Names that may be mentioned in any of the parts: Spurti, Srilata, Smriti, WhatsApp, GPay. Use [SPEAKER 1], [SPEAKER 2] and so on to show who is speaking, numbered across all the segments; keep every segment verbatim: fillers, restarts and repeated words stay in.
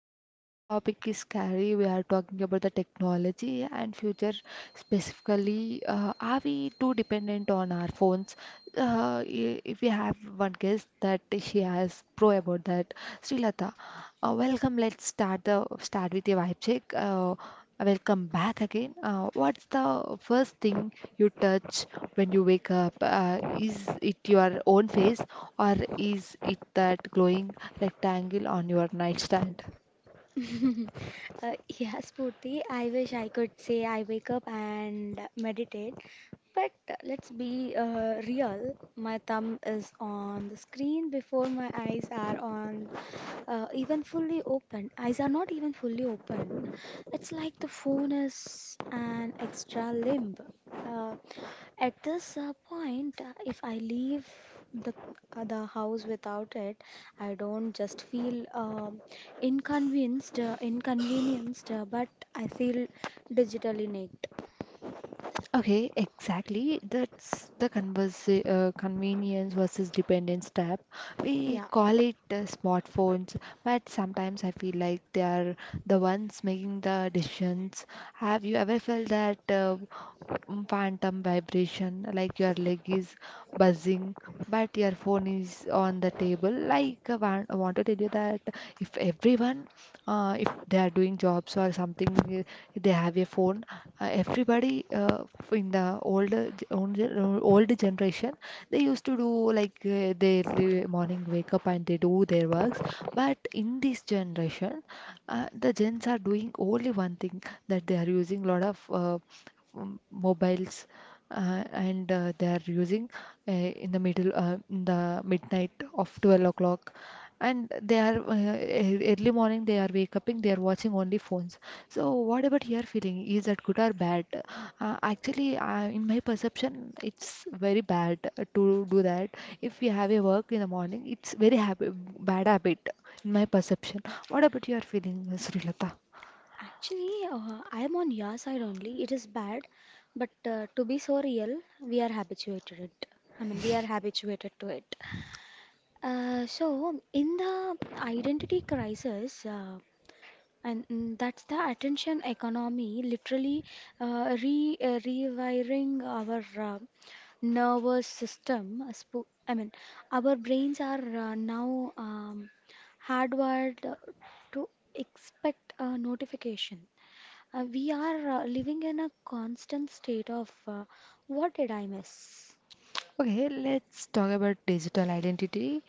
[SPEAKER 1] Today's the topic is scary. We are talking about the technology and future specifically. Uh, are we too dependent on our phones? Uh, i- if we have one guest that she has pro about that, Srilata. Uh, welcome. Let's start the start with a vibe check. Uh, Welcome back again. Uh, what's the first thing you touch when you wake up? Uh, is it your own face or is it that glowing rectangle on your nightstand?
[SPEAKER 2] uh, Yeah, Spurti, I wish I could say I wake up and meditate, but uh, let's be uh, real. My thumb is on the screen before my eyes are on uh, even fully open. Eyes are not even fully open. It's like the phone is an extra limb. Uh, at this uh, point, uh, if I leave the uh, the house without it, I don't just feel um inconvenienced, uh, inconvenienced, uh, but I feel digitally naked.
[SPEAKER 1] Okay, exactly. That's the converse, uh, convenience versus dependence tab. We
[SPEAKER 2] Yeah.
[SPEAKER 1] call it uh, smartphones, but sometimes I feel like they are the ones making the decisions. Have you ever felt that? Uh, mm, phantom vibration like your leg is buzzing but your phone is on the table. Like I want, I want to tell you that if everyone uh, if they are doing jobs or something, uh, they have a phone. Uh, everybody, uh, in the older ge- old ge- old generation, they used to do like uh, their li- morning wake up and they do their works. But in this generation, uh, the gens are doing only one thing, that they are using lot of uh, um, mobiles. Uh, and uh, They are using uh, in the middle uh, in the midnight of twelve o'clock, and they are uh, e- early morning they are wake up. They are watching only phones. So what about your feeling, is that good or bad? Uh, actually, uh, in my perception, it's very bad to do that. If we have a work in the morning, it's very habit, bad habit, in my perception. What about your feeling, Srilata?
[SPEAKER 2] Actually, uh, I am on your side only. It is bad, but uh, to be so real, we are habituated it. I mean, we are habituated to it. Uh, so, in the identity crisis, uh, and mm, that's the attention economy, literally uh, re uh, rewiring our uh, nervous system. uh, spo- I mean, our brains are uh, now um, hardwired uh, to expect a notification. Uh, we are uh, living in a constant state of uh, what did I miss?
[SPEAKER 1] Okay, let's talk about digital identity.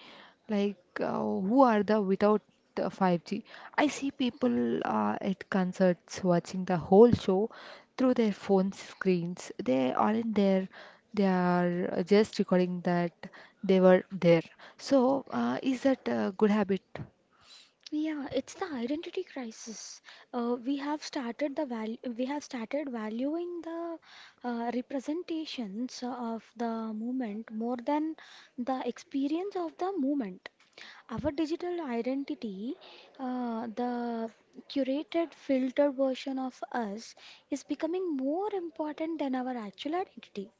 [SPEAKER 1] Like, uh, who are the without the five G? I see people uh, at concerts watching the whole show through their phone screens. They aren't there. They are uh, just recording that they were there. So, uh, is that a good habit?
[SPEAKER 2] Yeah, it's the identity crisis. Uh, we have started the val we have started valuing the uh, representations of the movement more than the experience of the movement. Our digital identity, uh, the curated, filtered version of us, is becoming more important than our actual identity.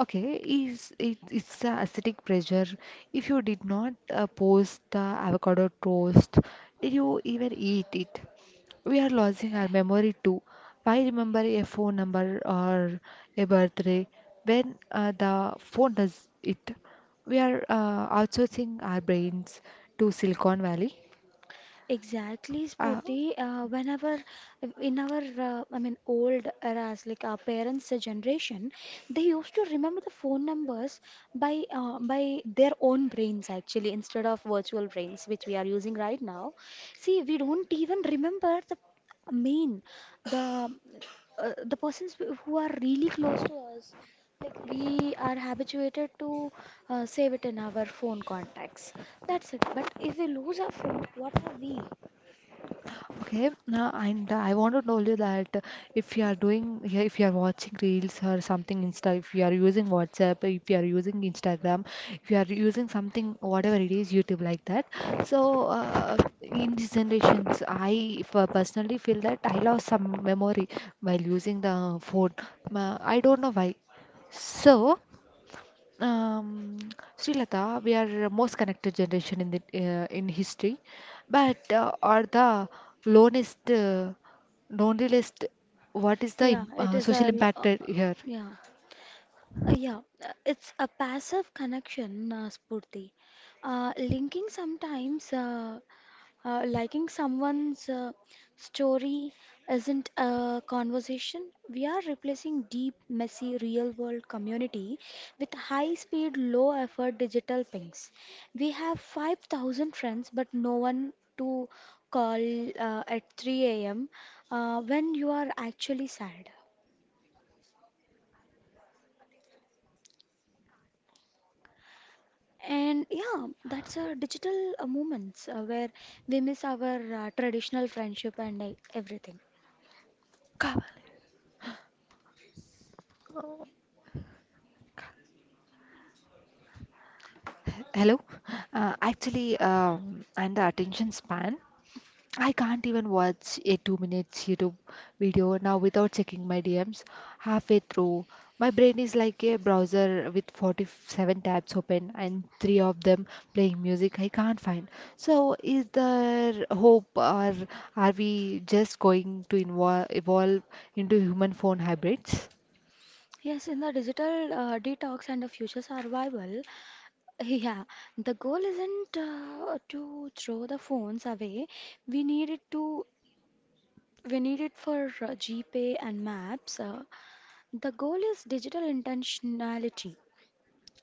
[SPEAKER 1] Okay, is it, it's a aesthetic pressure. If you did not uh, post the avocado toast, did you even eat it? We are losing our memory too. Why remember a phone number or a birthday when uh, the phone does it? We are uh, outsourcing our brains to Silicon Valley.
[SPEAKER 2] Exactly,
[SPEAKER 1] Uh,
[SPEAKER 2] Spurti. Uh, whenever in our, uh, I mean, old eras, like our parents' generation, they used to remember the phone numbers by uh, by their own brains actually, instead of virtual brains which we are using right now. See, we don't even remember the main, the uh, the persons who who are really close to us. Like we are habituated to uh, save it in our phone contacts. That's it. But if we lose our phone, what are we?
[SPEAKER 1] Okay, now I and I want to tell you that if you are doing, yeah, if you are watching reels or something Insta, if you are using WhatsApp, if you are using Instagram, if you are using something, whatever it is, YouTube, like that. So uh, in these generations, I f- personally feel that I lost some memory while using the phone. Uh, I don't know why. So. Um, Srilata, we are most connected generation in the uh, in history, but uh, are the loneliest, uh, loneliest. What is the
[SPEAKER 2] Yeah,
[SPEAKER 1] im-
[SPEAKER 2] it
[SPEAKER 1] uh,
[SPEAKER 2] is
[SPEAKER 1] social
[SPEAKER 2] a l-
[SPEAKER 1] impact
[SPEAKER 2] uh,
[SPEAKER 1] uh,
[SPEAKER 2] uh,
[SPEAKER 1] here?
[SPEAKER 2] yeah. Uh, yeah, uh, it's a passive connection, uh, Spurti. Uh, linking sometimes, uh, uh, Liking someone's uh, story isn't a conversation. We are replacing deep, messy, real world community with high speed, low effort digital pings. We have five thousand friends, but no one to call uh, at three a m. Uh, when you are actually sad. And yeah, that's a digital uh, moments uh, where we miss our uh, traditional friendship and uh, everything.
[SPEAKER 1] Ka- Uh, Hello. Uh, actually, um, and the attention span. I can't even watch a two minutes YouTube video now without checking my D Ms halfway through. My brain is like a browser with forty-seven tabs open and three of them playing music I can't find. So, is there hope or are we just going to invo- evolve into human phone hybrids?
[SPEAKER 2] Yes, in the digital uh, detox and the future survival, yeah, the goal isn't uh, to throw the phones away. We need it to we need it for uh, GPay and maps. Uh, the goal is digital intentionality.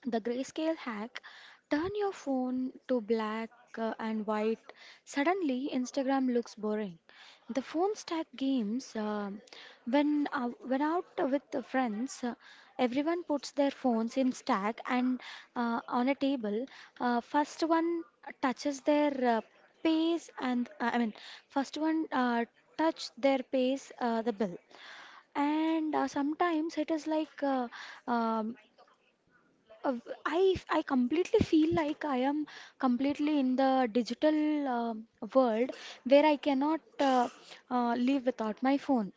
[SPEAKER 2] The grayscale hack, turn your phone to black uh, and white. Suddenly, Instagram looks boring. The phone stack games, uh, when uh, when out with the friends, uh, everyone puts their phones in stack and uh, on a table. Uh, first one touches their uh, pays and uh, I mean, first one uh, touch their pays uh, the bill and uh, sometimes it is like uh, um uh, I f- I completely feel like I am completely in the digital um world where I cannot uh, uh, live without my phone.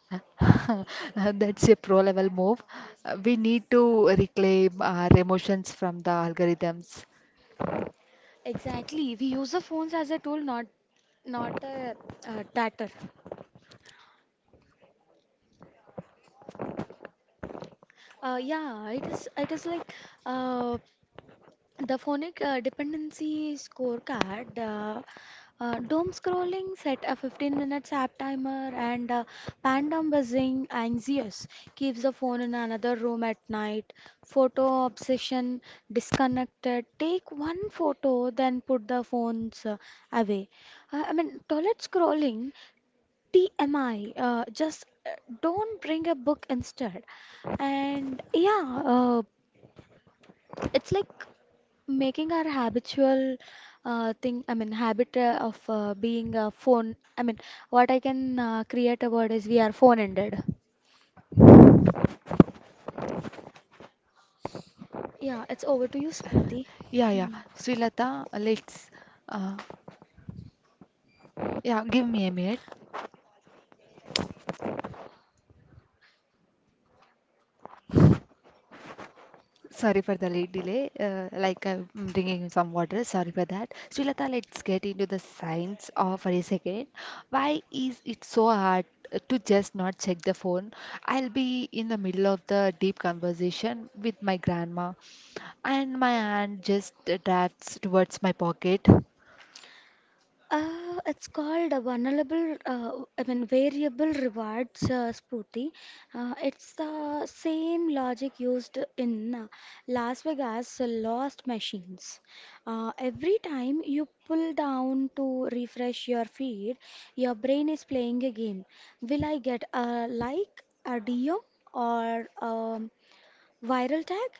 [SPEAKER 1] That's a pro level move. Uh, We need to reclaim our emotions from the algorithms.
[SPEAKER 2] Exactly, we use the phones as a tool, not not a, uh data. Uh, yeah, it is it is like uh, the phonic uh, dependency scorecard. Uh, uh, doom scrolling, set a fifteen minutes app timer, and uh, pandem buzzing, anxious, keeps the phone in another room at night. Photo obsession, disconnected, take one photo, then put the phones uh, away. Uh, I mean, toilet scrolling, T M I, uh, just uh, don't bring a book instead. And yeah, uh, it's like making our habitual uh, thing I mean habit uh, of uh, being a phone. I mean, what i can uh, create a word is we are phone ended. Yeah, it's over to you, Spurti.
[SPEAKER 1] Yeah, yeah.
[SPEAKER 2] Hmm.
[SPEAKER 1] Srilata, let's, uh, yeah, give me a minute. Sorry for the late delay. Uh, like, I'm bringing some water. Sorry for that. Srilata, let's get into the science of a second. Why is it so hard to just not check the phone? I'll be in the middle of the deep conversation with my grandma, and my hand just drafts towards my pocket.
[SPEAKER 2] Uh, it's called a vulnerable, uh, I mean, variable rewards, uh, Spooty. Uh, it's the same logic used in uh, Las Vegas Lost Machines. Uh, every time you pull down to refresh your feed, your brain is playing a game. Will I get a like, a D M, or a viral tag?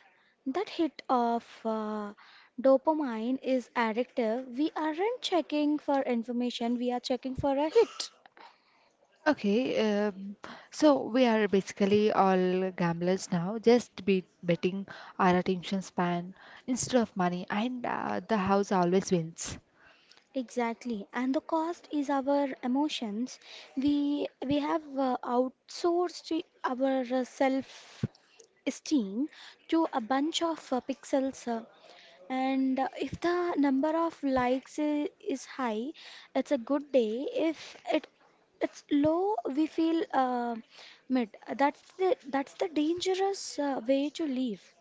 [SPEAKER 2] That hit of uh, dopamine is addictive. We aren't checking for information, we are checking for a hit.
[SPEAKER 1] Okay, um, so we are basically all gamblers now, just be betting our attention span instead of money, and uh, the house always wins.
[SPEAKER 2] Exactly, and the cost is our emotions. We we have uh, outsourced our self esteem to a bunch of uh, pixels. Uh, And uh, if the number of likes i- is high, it's a good day. If it it's low, we feel uh, mid. That's the that's the dangerous uh, way to live.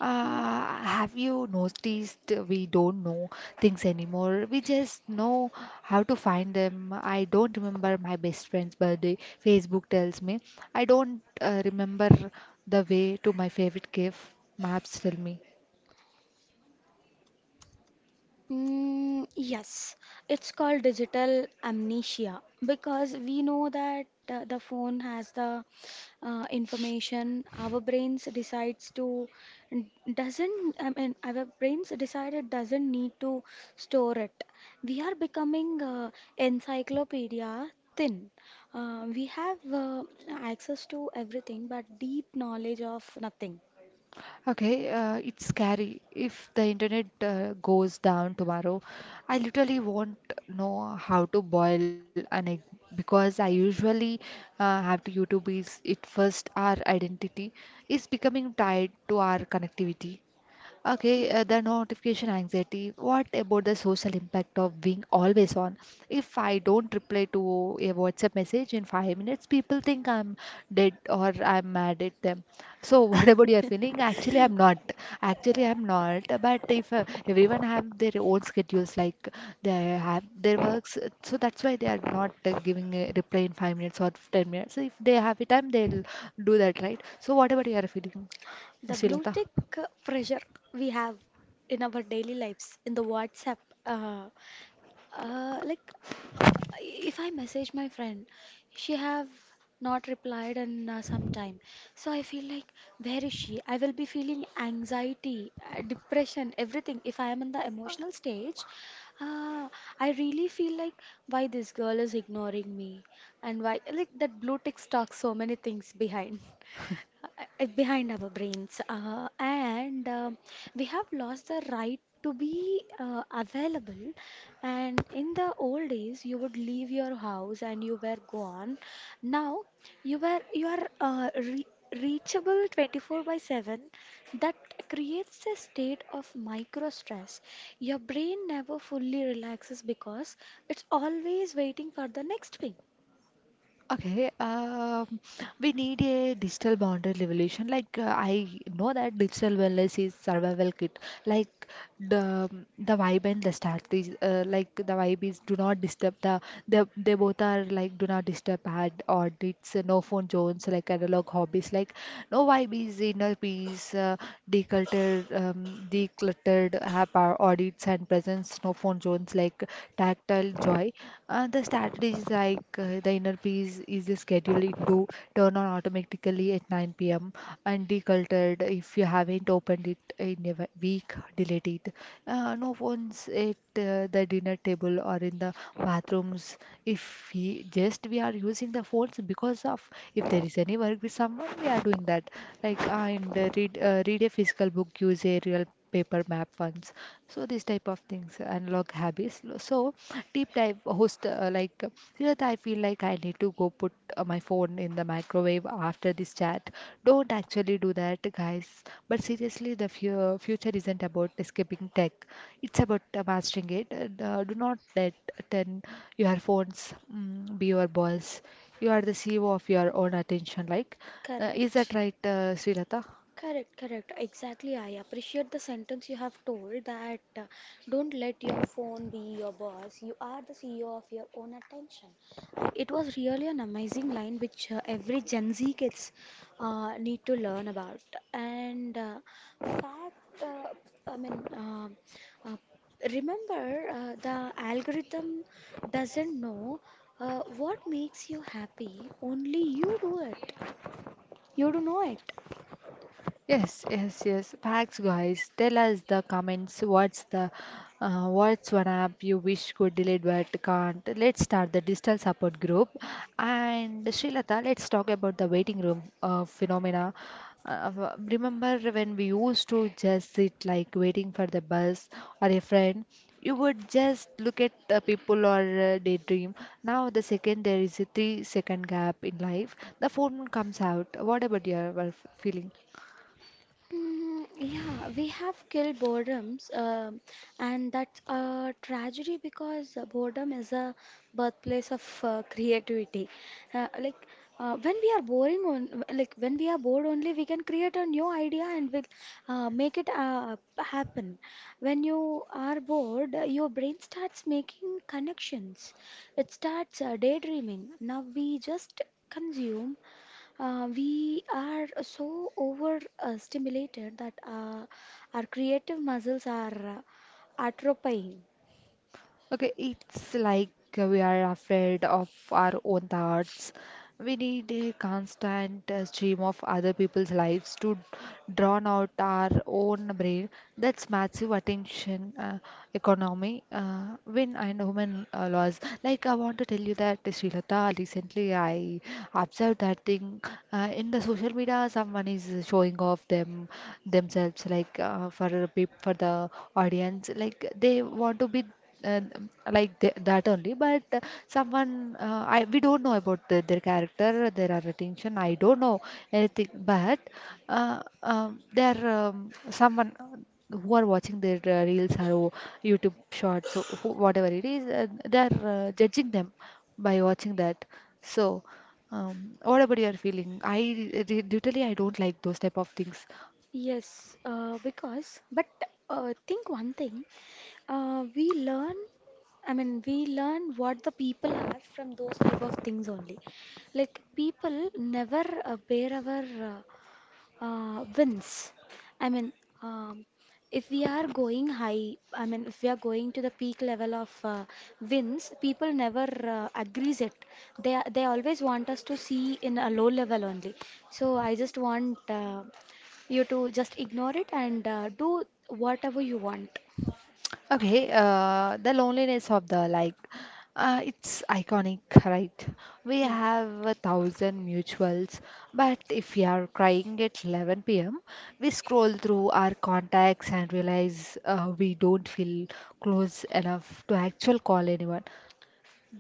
[SPEAKER 1] Uh, have you noticed we don't know things anymore? We just know how to find them. I don't remember my best friend's birthday. Facebook tells me. I don't uh, remember the way to my favorite cave. Maps tell me.
[SPEAKER 2] Mm, yes, it's called digital amnesia because we know that uh, the phone has the uh, information. Our brains decides to n- doesn't. I mean, our brains decide it doesn't need to store it. We are becoming uh, encyclopedia thin. Uh, we have uh, access to everything, but deep knowledge of nothing.
[SPEAKER 1] Okay, uh, it's scary. If the internet uh, goes down tomorrow, I literally won't know how to boil an egg, because I usually uh, have to YouTube is it first. Our identity is becoming tied to our connectivity. Okay, uh, the notification anxiety. What about the social impact of being always on? If I don't reply to a WhatsApp message in five minutes, people think I'm dead or I'm mad at them. So, what about your feeling? Actually, I'm not. Actually, I'm not. But if uh, everyone have their own schedules, like they have their works, uh, so that's why they are not uh, giving a reply in five minutes or ten minutes. So if they have a time, they'll do that, right? So, what about your feeling,
[SPEAKER 2] The blue
[SPEAKER 1] Srilata?
[SPEAKER 2] tick pressure we have in our daily lives in the WhatsApp. Uh, uh, like if I message my friend, she have not replied in uh, some time. So I feel like where is she? I will be feeling anxiety, uh, depression, everything. If I am in the emotional stage, uh, I really feel like why this girl is ignoring me, and why like that blue tick stalks so many things behind, uh, behind our brains. Uh, and um We have lost the right to be uh, available. And in the old days you would leave your house and you were gone. Now you were you are uh, re- reachable twenty-four by seven. That creates a state of micro stress. Your brain never fully relaxes because it's always waiting for the next ping.
[SPEAKER 1] Okay, um, we need a digital boundary revolution. Like, uh, I know that digital wellness is survival kit. Like the the vibe and the strategy. Uh, like the vibe is do not disturb the they they both are like do not disturb ad, or it's uh, no phone zones like analog hobbies. Like no vibe is inner peace, uh, decluttered um, decluttered app or audits and presence no phone zones like tag tactile joy. Uh, the strategies like, uh, the inner peace is scheduled to turn on automatically at nine p m, and decluttered, if you haven't opened it in a w- week, delete it. Uh, no phones at uh, the dinner table or in the bathrooms. If we just We are using the phones because of, if there is any work with someone, we are doing that. Like, uh, and uh, read uh, read a physical book, use a real paper map ones. So these type of things unlock habits. So, deep dive host, uh, like Siddharth, I feel like I need to go put uh, my phone in the microwave after this chat. Don't actually do that, guys, but seriously, the fu- future isn't about escaping tech, it's about uh, mastering it. And, uh, do not let turn your phones mm, be your boss. You are the CEO of your own attention. Like, uh, is that
[SPEAKER 2] Correct.
[SPEAKER 1] right, uh, Srilata?
[SPEAKER 2] Correct, correct. Exactly. I appreciate the sentence you have told that uh, don't let your phone be your boss. You are the C E O of your own attention. And it was really an amazing line which uh, every Gen Z kids uh, need to learn about. And uh, fact, uh, I mean, um uh, remember uh, the algorithm doesn't know uh, what makes you happy. Only you do it. You do know it.
[SPEAKER 1] Yes, yes, yes. Facts, guys. Tell us the comments. What's the uh, what's one app you wish could delete but can't? Let's start the digital support group. And Srilata, let's talk about the waiting room uh, phenomena. Uh, w- remember when we used to just sit like waiting for the bus or a friend? You would just look at uh, people or uh, daydream. Now the second there is a three second gap in life, the phone comes out. What about your, your feeling?
[SPEAKER 2] Hmm, yeah, we have killed boredoms, um, and that's a tragedy because boredom is a birthplace of uh, creativity. Uh, like uh, when we are boring on, like when we are bored only, we can create a new idea and we'll uh, make it uh, happen. When you are bored, uh, your brain starts making connections. It starts uh, daydreaming. Now we just consume. Uh, we are so overstimulated that uh, our creative muscles are uh, atrophying.
[SPEAKER 1] Okay, it's like we are afraid of our own thoughts. We need a constant uh, stream of other people's lives to drown out our own brain. That's massive attention uh, economy, uh, win and women uh, laws. Like, I want to tell you that, Srilata, recently I observed that thing uh, in the social media. Someone is showing off them themselves, like uh, for peop- for the audience, like they want to be uh, like th- that only, but uh, someone uh, I we don't know about the, their character, their attention, I don't know anything. But uh, um, they um, someone uh, who are watching their uh, reels or YouTube shorts, so who, whatever it is, uh, they are uh, judging them by watching that. So um, what about your feeling? I re- literally, I don't like those type of things.
[SPEAKER 2] Yes, uh, because, but uh, think one thing, uh, we learn, I mean, we learn what the people are from those type of things only. Like, people never uh, bear our uh, uh, wins. I mean, um, if we are going high, I mean, if we are going to the peak level of uh, wins, people never uh, agrees it. They are- they always want us to see in a low level only. So I just want uh, you to just ignore it and uh, do whatever you want.
[SPEAKER 1] Okay, uh, the loneliness of the like, uh, it's iconic, right? We
[SPEAKER 2] Yeah.
[SPEAKER 1] have a thousand mutuals, but if we are crying at eleven p m, we scroll through our contacts and realize uh, we don't feel close enough to actual call anyone.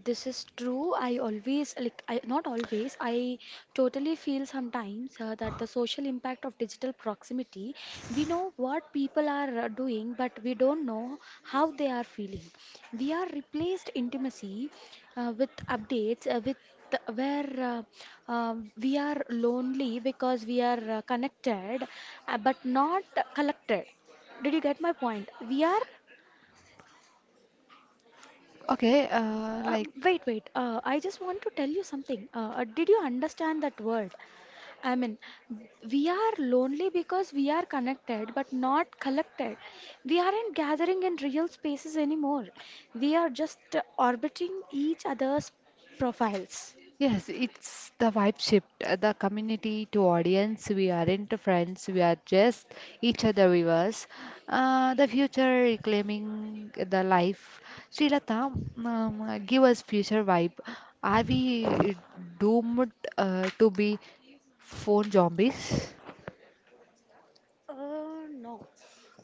[SPEAKER 2] This is true. I always, like, I not always, I totally feel sometimes uh, that the social impact of digital proximity, we know what people are uh, doing, but we don't know how they are feeling. We are replaced intimacy uh, with updates, uh, with where uh, um we are lonely because we are uh, connected, uh, but not collected. Did you get my point? We are—
[SPEAKER 1] Okay, uh,
[SPEAKER 2] Uh,
[SPEAKER 1] like
[SPEAKER 2] wait, wait. Uh, I just want to tell you something. Uh, uh, did you understand that word? I mean, we are lonely because we are connected but not collected. We aren't gathering in real spaces anymore. We are just uh, orbiting each other's profiles.
[SPEAKER 1] yes, it's the vibe shift, uh, the community to audience. We aren't friends, we are just each other viewers. Uh, the future reclaiming the life. Srilata, um, uh, give us future vibe. Are we doomed uh, to be phone zombies?
[SPEAKER 2] Uh, no.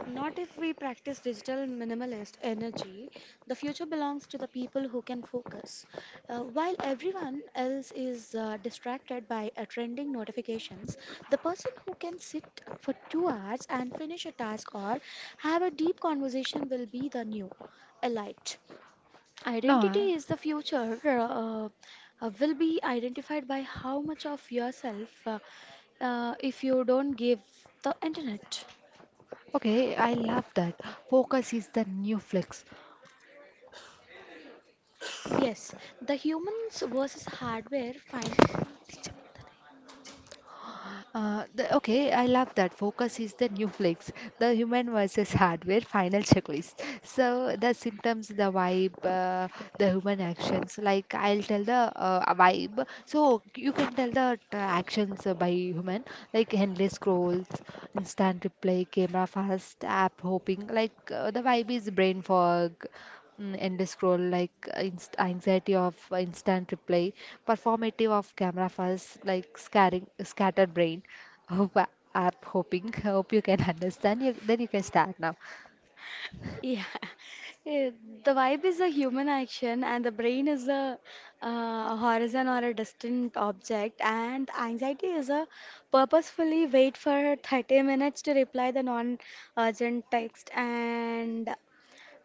[SPEAKER 2] Not if we practice digital minimalist energy. The future belongs to the people who can focus. Uh, while everyone else is uh, distracted by uh, trending notifications, the person who can sit for two hours and finish a task or have a deep conversation will be the new elite.
[SPEAKER 1] No, uh,
[SPEAKER 2] Identity is the future, uh, uh, will be identified by how much of yourself uh, uh, if you don't give the internet.
[SPEAKER 1] okay, I love that. Focus is the new flex.
[SPEAKER 2] Yes, the humans versus hardware find,
[SPEAKER 1] Uh, the, okay, I love that. Focus is the new flex, the human versus hardware final checklist. So the symptoms, the vibe, uh, the human actions. Like, I'll tell the uh, vibe, so you can tell the uh, actions uh, by human, like endless scrolls, instant replay, camera fast, app hopping. Like uh, the vibe is brain fog, Mm, end scroll, like uh, inst- anxiety of uh, instant reply, performative of camera files like scaring scattered brain hope a- app hoping. Hope you can understand you, then you can start now.
[SPEAKER 2] yeah. Eh, The vibe is a human action, and the brain is a uh, horizon or a distant object, and anxiety is a purposefully wait for thirty minutes to reply the non-urgent text, and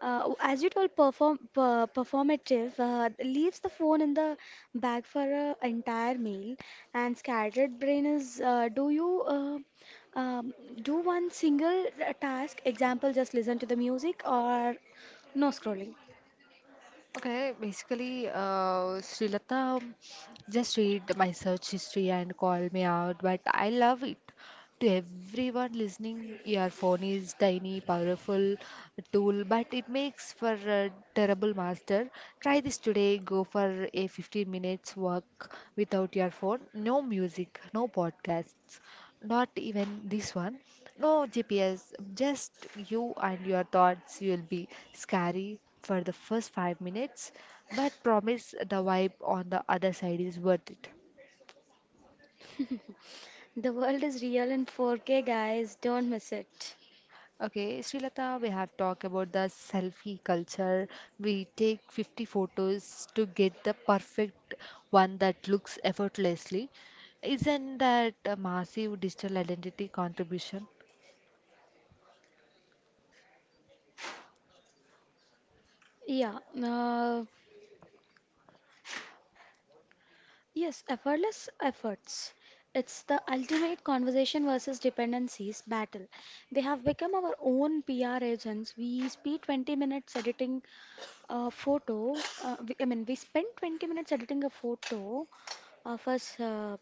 [SPEAKER 2] Uh, as you told, perform per, performative uh, leaves the phone in the bag for an entire meal, and scattered brain is, uh, do you uh, um, do one single uh, task? Example, just listen to the music or no scrolling.
[SPEAKER 1] Okay, basically, uh Srilata, um, just read my search history and call me out, but I love it. To everyone listening, your phone is tiny, powerful tool, but it makes for a terrible master. Try this today. Go for a fifteen minutes walk without your phone. No music, no podcasts, not even this one. No G P S, just you and your thoughts. You'll be scary for the first five minutes, but promise the vibe on the other side is worth it.
[SPEAKER 2] The world is real in four K, guys. Don't miss it.
[SPEAKER 1] Okay, Srilata, we have talked about the selfie culture. We take fifty photos to get the perfect one that looks effortlessly. Isn't that a massive digital identity contribution?
[SPEAKER 2] Yeah. Uh, Yes, effortless efforts. It's the ultimate conversation versus dependencies battle. They have become our own P R agents. We spend twenty minutes editing a photo. Uh, we, I mean, we spend twenty minutes editing a photo of us. Uh,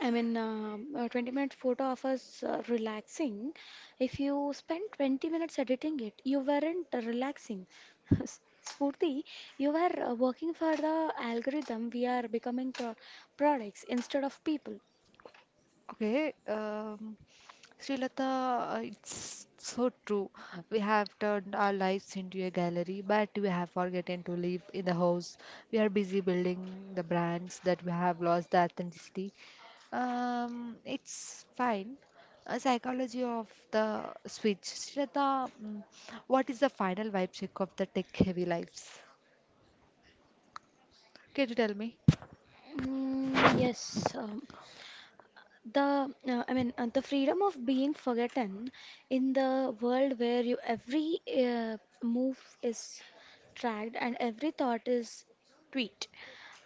[SPEAKER 2] I mean, uh, A twenty minute photo of us uh, relaxing. If you spent twenty minutes editing it, you weren't relaxing. S- Spurti, you were uh, working for the algorithm. We are becoming pro products instead of people.
[SPEAKER 1] Okay, um, Srilata, uh, it's so true. We have turned our lives into a gallery, but we have forgotten to live in the house. We are busy building the brands that we have lost the authenticity. Um, it's fine. A psychology of the switch. Srilata, mm, what is the final vibe check of the tech-heavy lives? Can you tell me?
[SPEAKER 2] Mm, yes, um, the uh, I mean uh, the freedom of being forgotten in the world where you every uh, move is tracked and every thought is tweet.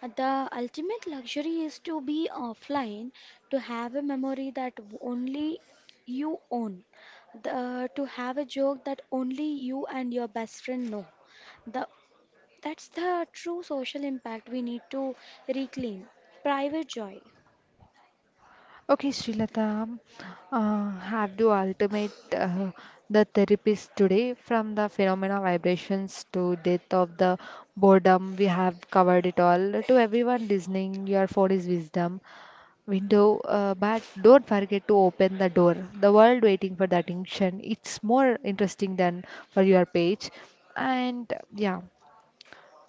[SPEAKER 2] The ultimate luxury is to be offline, to have a memory that only you own, the, to have a joke that only you and your best friend know. The, that's the true social impact we need to reclaim. Private joy.
[SPEAKER 1] Okay, Srilata, uh, have to ultimate uh, the therapist today from the phenomena vibrations to death of the boredom. We have covered it all. To everyone listening, your phone is wisdom window, uh, but don't forget to open the door. The world waiting for the attention. It's more interesting than for your page. And yeah,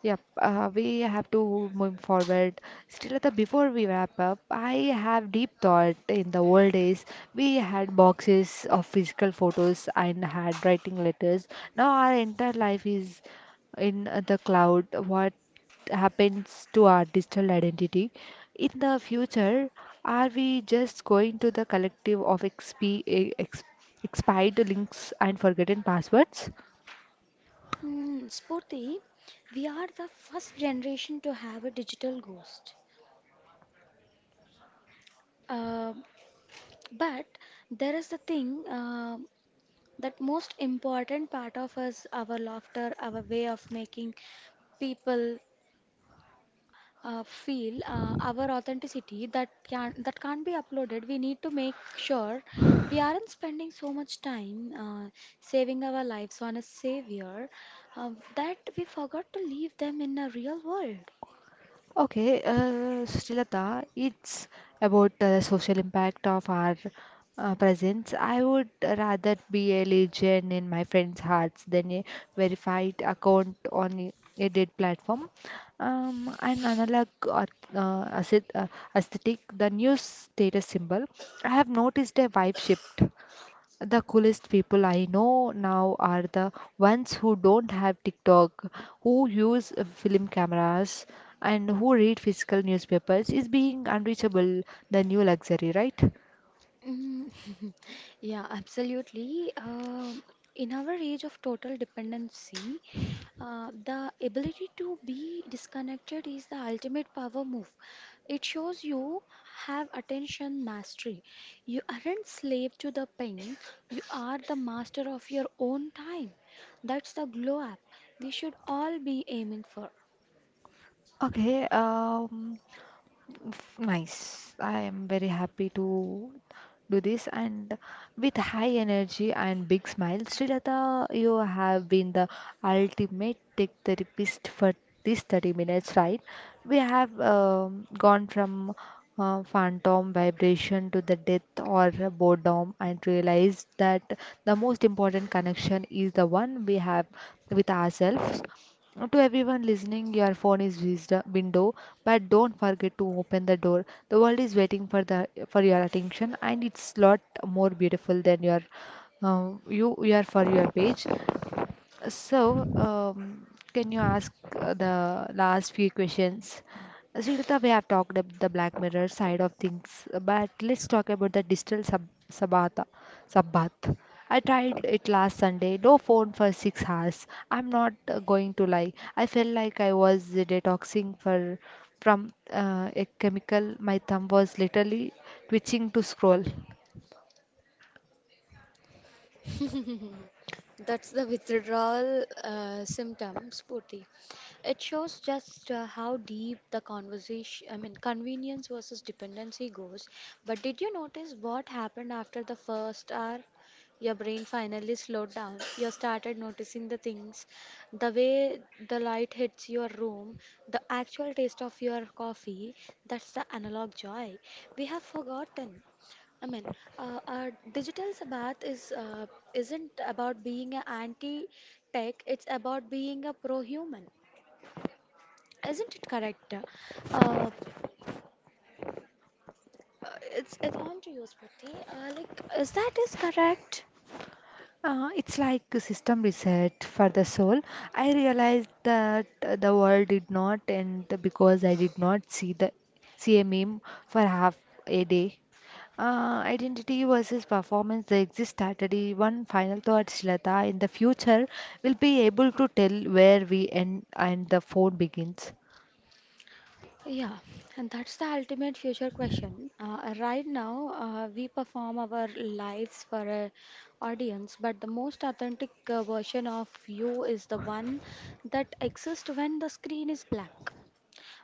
[SPEAKER 1] yep, uh, we have to move forward. Srilata, before we wrap up, I have deep thought. In the old days, we had boxes of physical photos and handwriting letters. Now our entire life is in uh, the cloud. What happens to our digital identity? In the future, are we just going to the collective of exp eh, ex expired links and forgotten passwords?
[SPEAKER 2] Hmm, Spurti, we are the first generation to have a digital ghost. Uh, but there is the thing. Uh, That most important part of us, our laughter, our way of making people uh, feel, uh, our authenticity that can that can't be uploaded. We need to make sure we aren't spending so much time uh, saving our lives on a savior uh, that we forgot to leave them in a real world.
[SPEAKER 1] Okay, uh, Srilata, it's about uh, the social impact of our uh, presence. I would rather be a legion in my friends' hearts than a verified account on a a date platform. Um, an analog or uh, aesthet- uh, aesthetic, the new status symbol. I have noticed a vibe shift. The coolest people I know now are the ones who don't have TikTok, who use uh, film cameras, and who read physical newspapers. Is being unreachable the new luxury, right?
[SPEAKER 2] Mm, yeah, absolutely. Um in our age of total dependency, uh, the ability to be disconnected is the ultimate power move. It shows you have attention mastery. You aren't slave to the pen, you are the master of your own time. That's the glow up we should all be aiming for.
[SPEAKER 1] Okay, um, F- Nice. I am very happy to do this and with high energy and big smile, Srilata, you have been the ultimate tech therapist for these thirty minutes, right? We have um, gone from uh, phantom vibration to the death or boredom and realized that the most important connection is the one we have with ourselves. Now, to everyone listening, your phone is wisdom window, but don't forget to open the door. The world is waiting for the for your attention, and it's lot more beautiful than your uh, you you are for your page. So, um, can you ask uh, the last few questions? Srilata, we have talked about the Black Mirror side of things, but let's talk about the digital sab sabata, sabbath. I tried it last Sunday, no phone for six hours. I'm not uh, going to lie. I felt like I was detoxing for from uh, a chemical. My thumb was literally twitching to scroll.
[SPEAKER 2] That's the withdrawal uh, symptom, Spurti. It shows just uh, how deep the conversation, I mean, convenience versus dependency goes. But did you notice what happened after the first hour? Your brain finally slowed down. You started noticing the things, the way the light hits your room, the actual taste of your coffee. That's the analog joy we have forgotten. I mean, uh, uh, Digital Sabbath is uh, isn't about being an anti-tech. It's about being a pro-human. Isn't it correct? Uh, uh, it's it's on to you, Smriti. Uh, like, is that is correct?
[SPEAKER 1] Uh, it's like a system reset for the soul. I realized that uh, the world did not end because I did not see the see a meme for half a day. Uh, identity versus performance, the exist strategy. One final thought, Shilata. In the future, we'll be able to tell where we end and the phone begins.
[SPEAKER 2] Yeah, and that's the ultimate future question. Uh, right now, uh, we perform our lives for an audience, but the most authentic uh, version of you is the one that exists when the screen is black.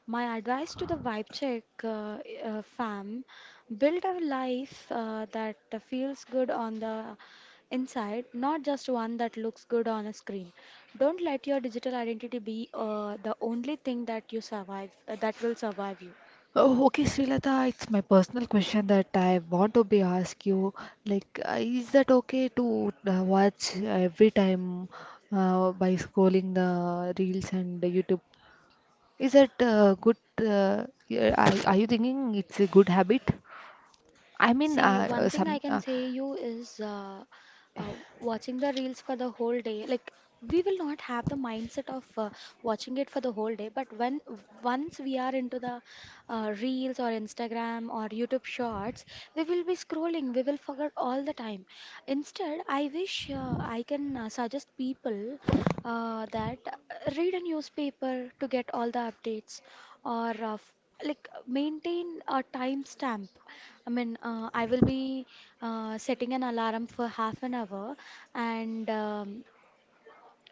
[SPEAKER 2] My advice to the vibe check uh, uh, fam, build a life uh, that feels good on the inside, not just one that looks good on a screen. Don't let your digital identity be uh, the only thing that you survive, uh, that will survive you.
[SPEAKER 1] Oh, okay, Srilata, it's my personal question that I want to be ask you. Like, uh, is that okay to uh, watch every time uh, by scrolling the reels and the YouTube? Is that uh, good? Uh, yeah, are, are you thinking it's a good habit? I mean,
[SPEAKER 2] See,
[SPEAKER 1] uh,
[SPEAKER 2] one
[SPEAKER 1] uh,
[SPEAKER 2] thing I
[SPEAKER 1] some.
[SPEAKER 2] can
[SPEAKER 1] Uh,
[SPEAKER 2] say you is uh, uh, watching the reels for the whole day. Like we will not have the mindset of uh, watching it for the whole day, but when once we are into the uh, reels or Instagram or YouTube Shorts, we will be scrolling. We will forget all the time. Instead, I wish uh, I can uh, suggest people uh, that uh, read a newspaper to get all the updates or uh, f- like maintain a timestamp. I mean, uh, I will be uh, setting an alarm for half an hour, and um,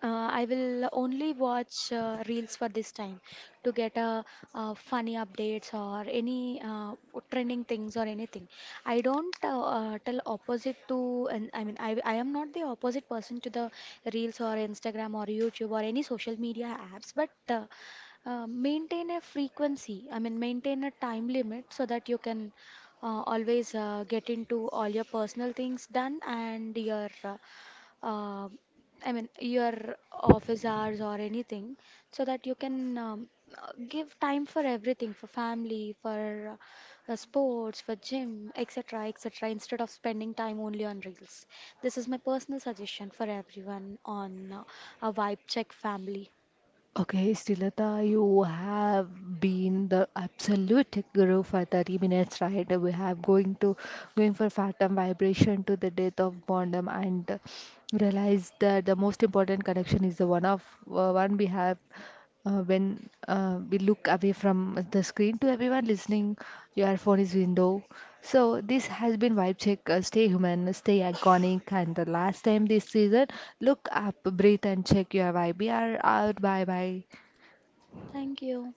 [SPEAKER 2] uh, I will only watch uh, reels for this time to get uh, uh, funny updates or any uh, trending things or anything. I don't uh, uh, tell opposite to, and I mean, I, I am not the opposite person to the reels or Instagram or YouTube or any social media apps, but uh, uh, maintain a frequency. I mean, maintain a time limit so that you can uh, always uh, get into all your personal things done and your uh, uh, I mean, your office hours or anything, so that you can um, uh, give time for everything, for family, for uh, uh, sports, for gym, et cetera, et cetera, instead of spending time only on reels. This is my personal suggestion for everyone on uh, a Vibe Check family.
[SPEAKER 1] Okay, Srilata, you have been the absolute tech guru for thirty minutes, right? We have going to Going for phantom vibration to the death of boredom and realize that the most important connection is the one of uh, one we have uh, when uh, we look away from the screen. To everyone listening, your phone is window, so this has been vibe check. Uh, stay human, stay iconic, and the last time this season, look up, breathe, and check your vibe. We are out. Bye bye.
[SPEAKER 2] Thank you.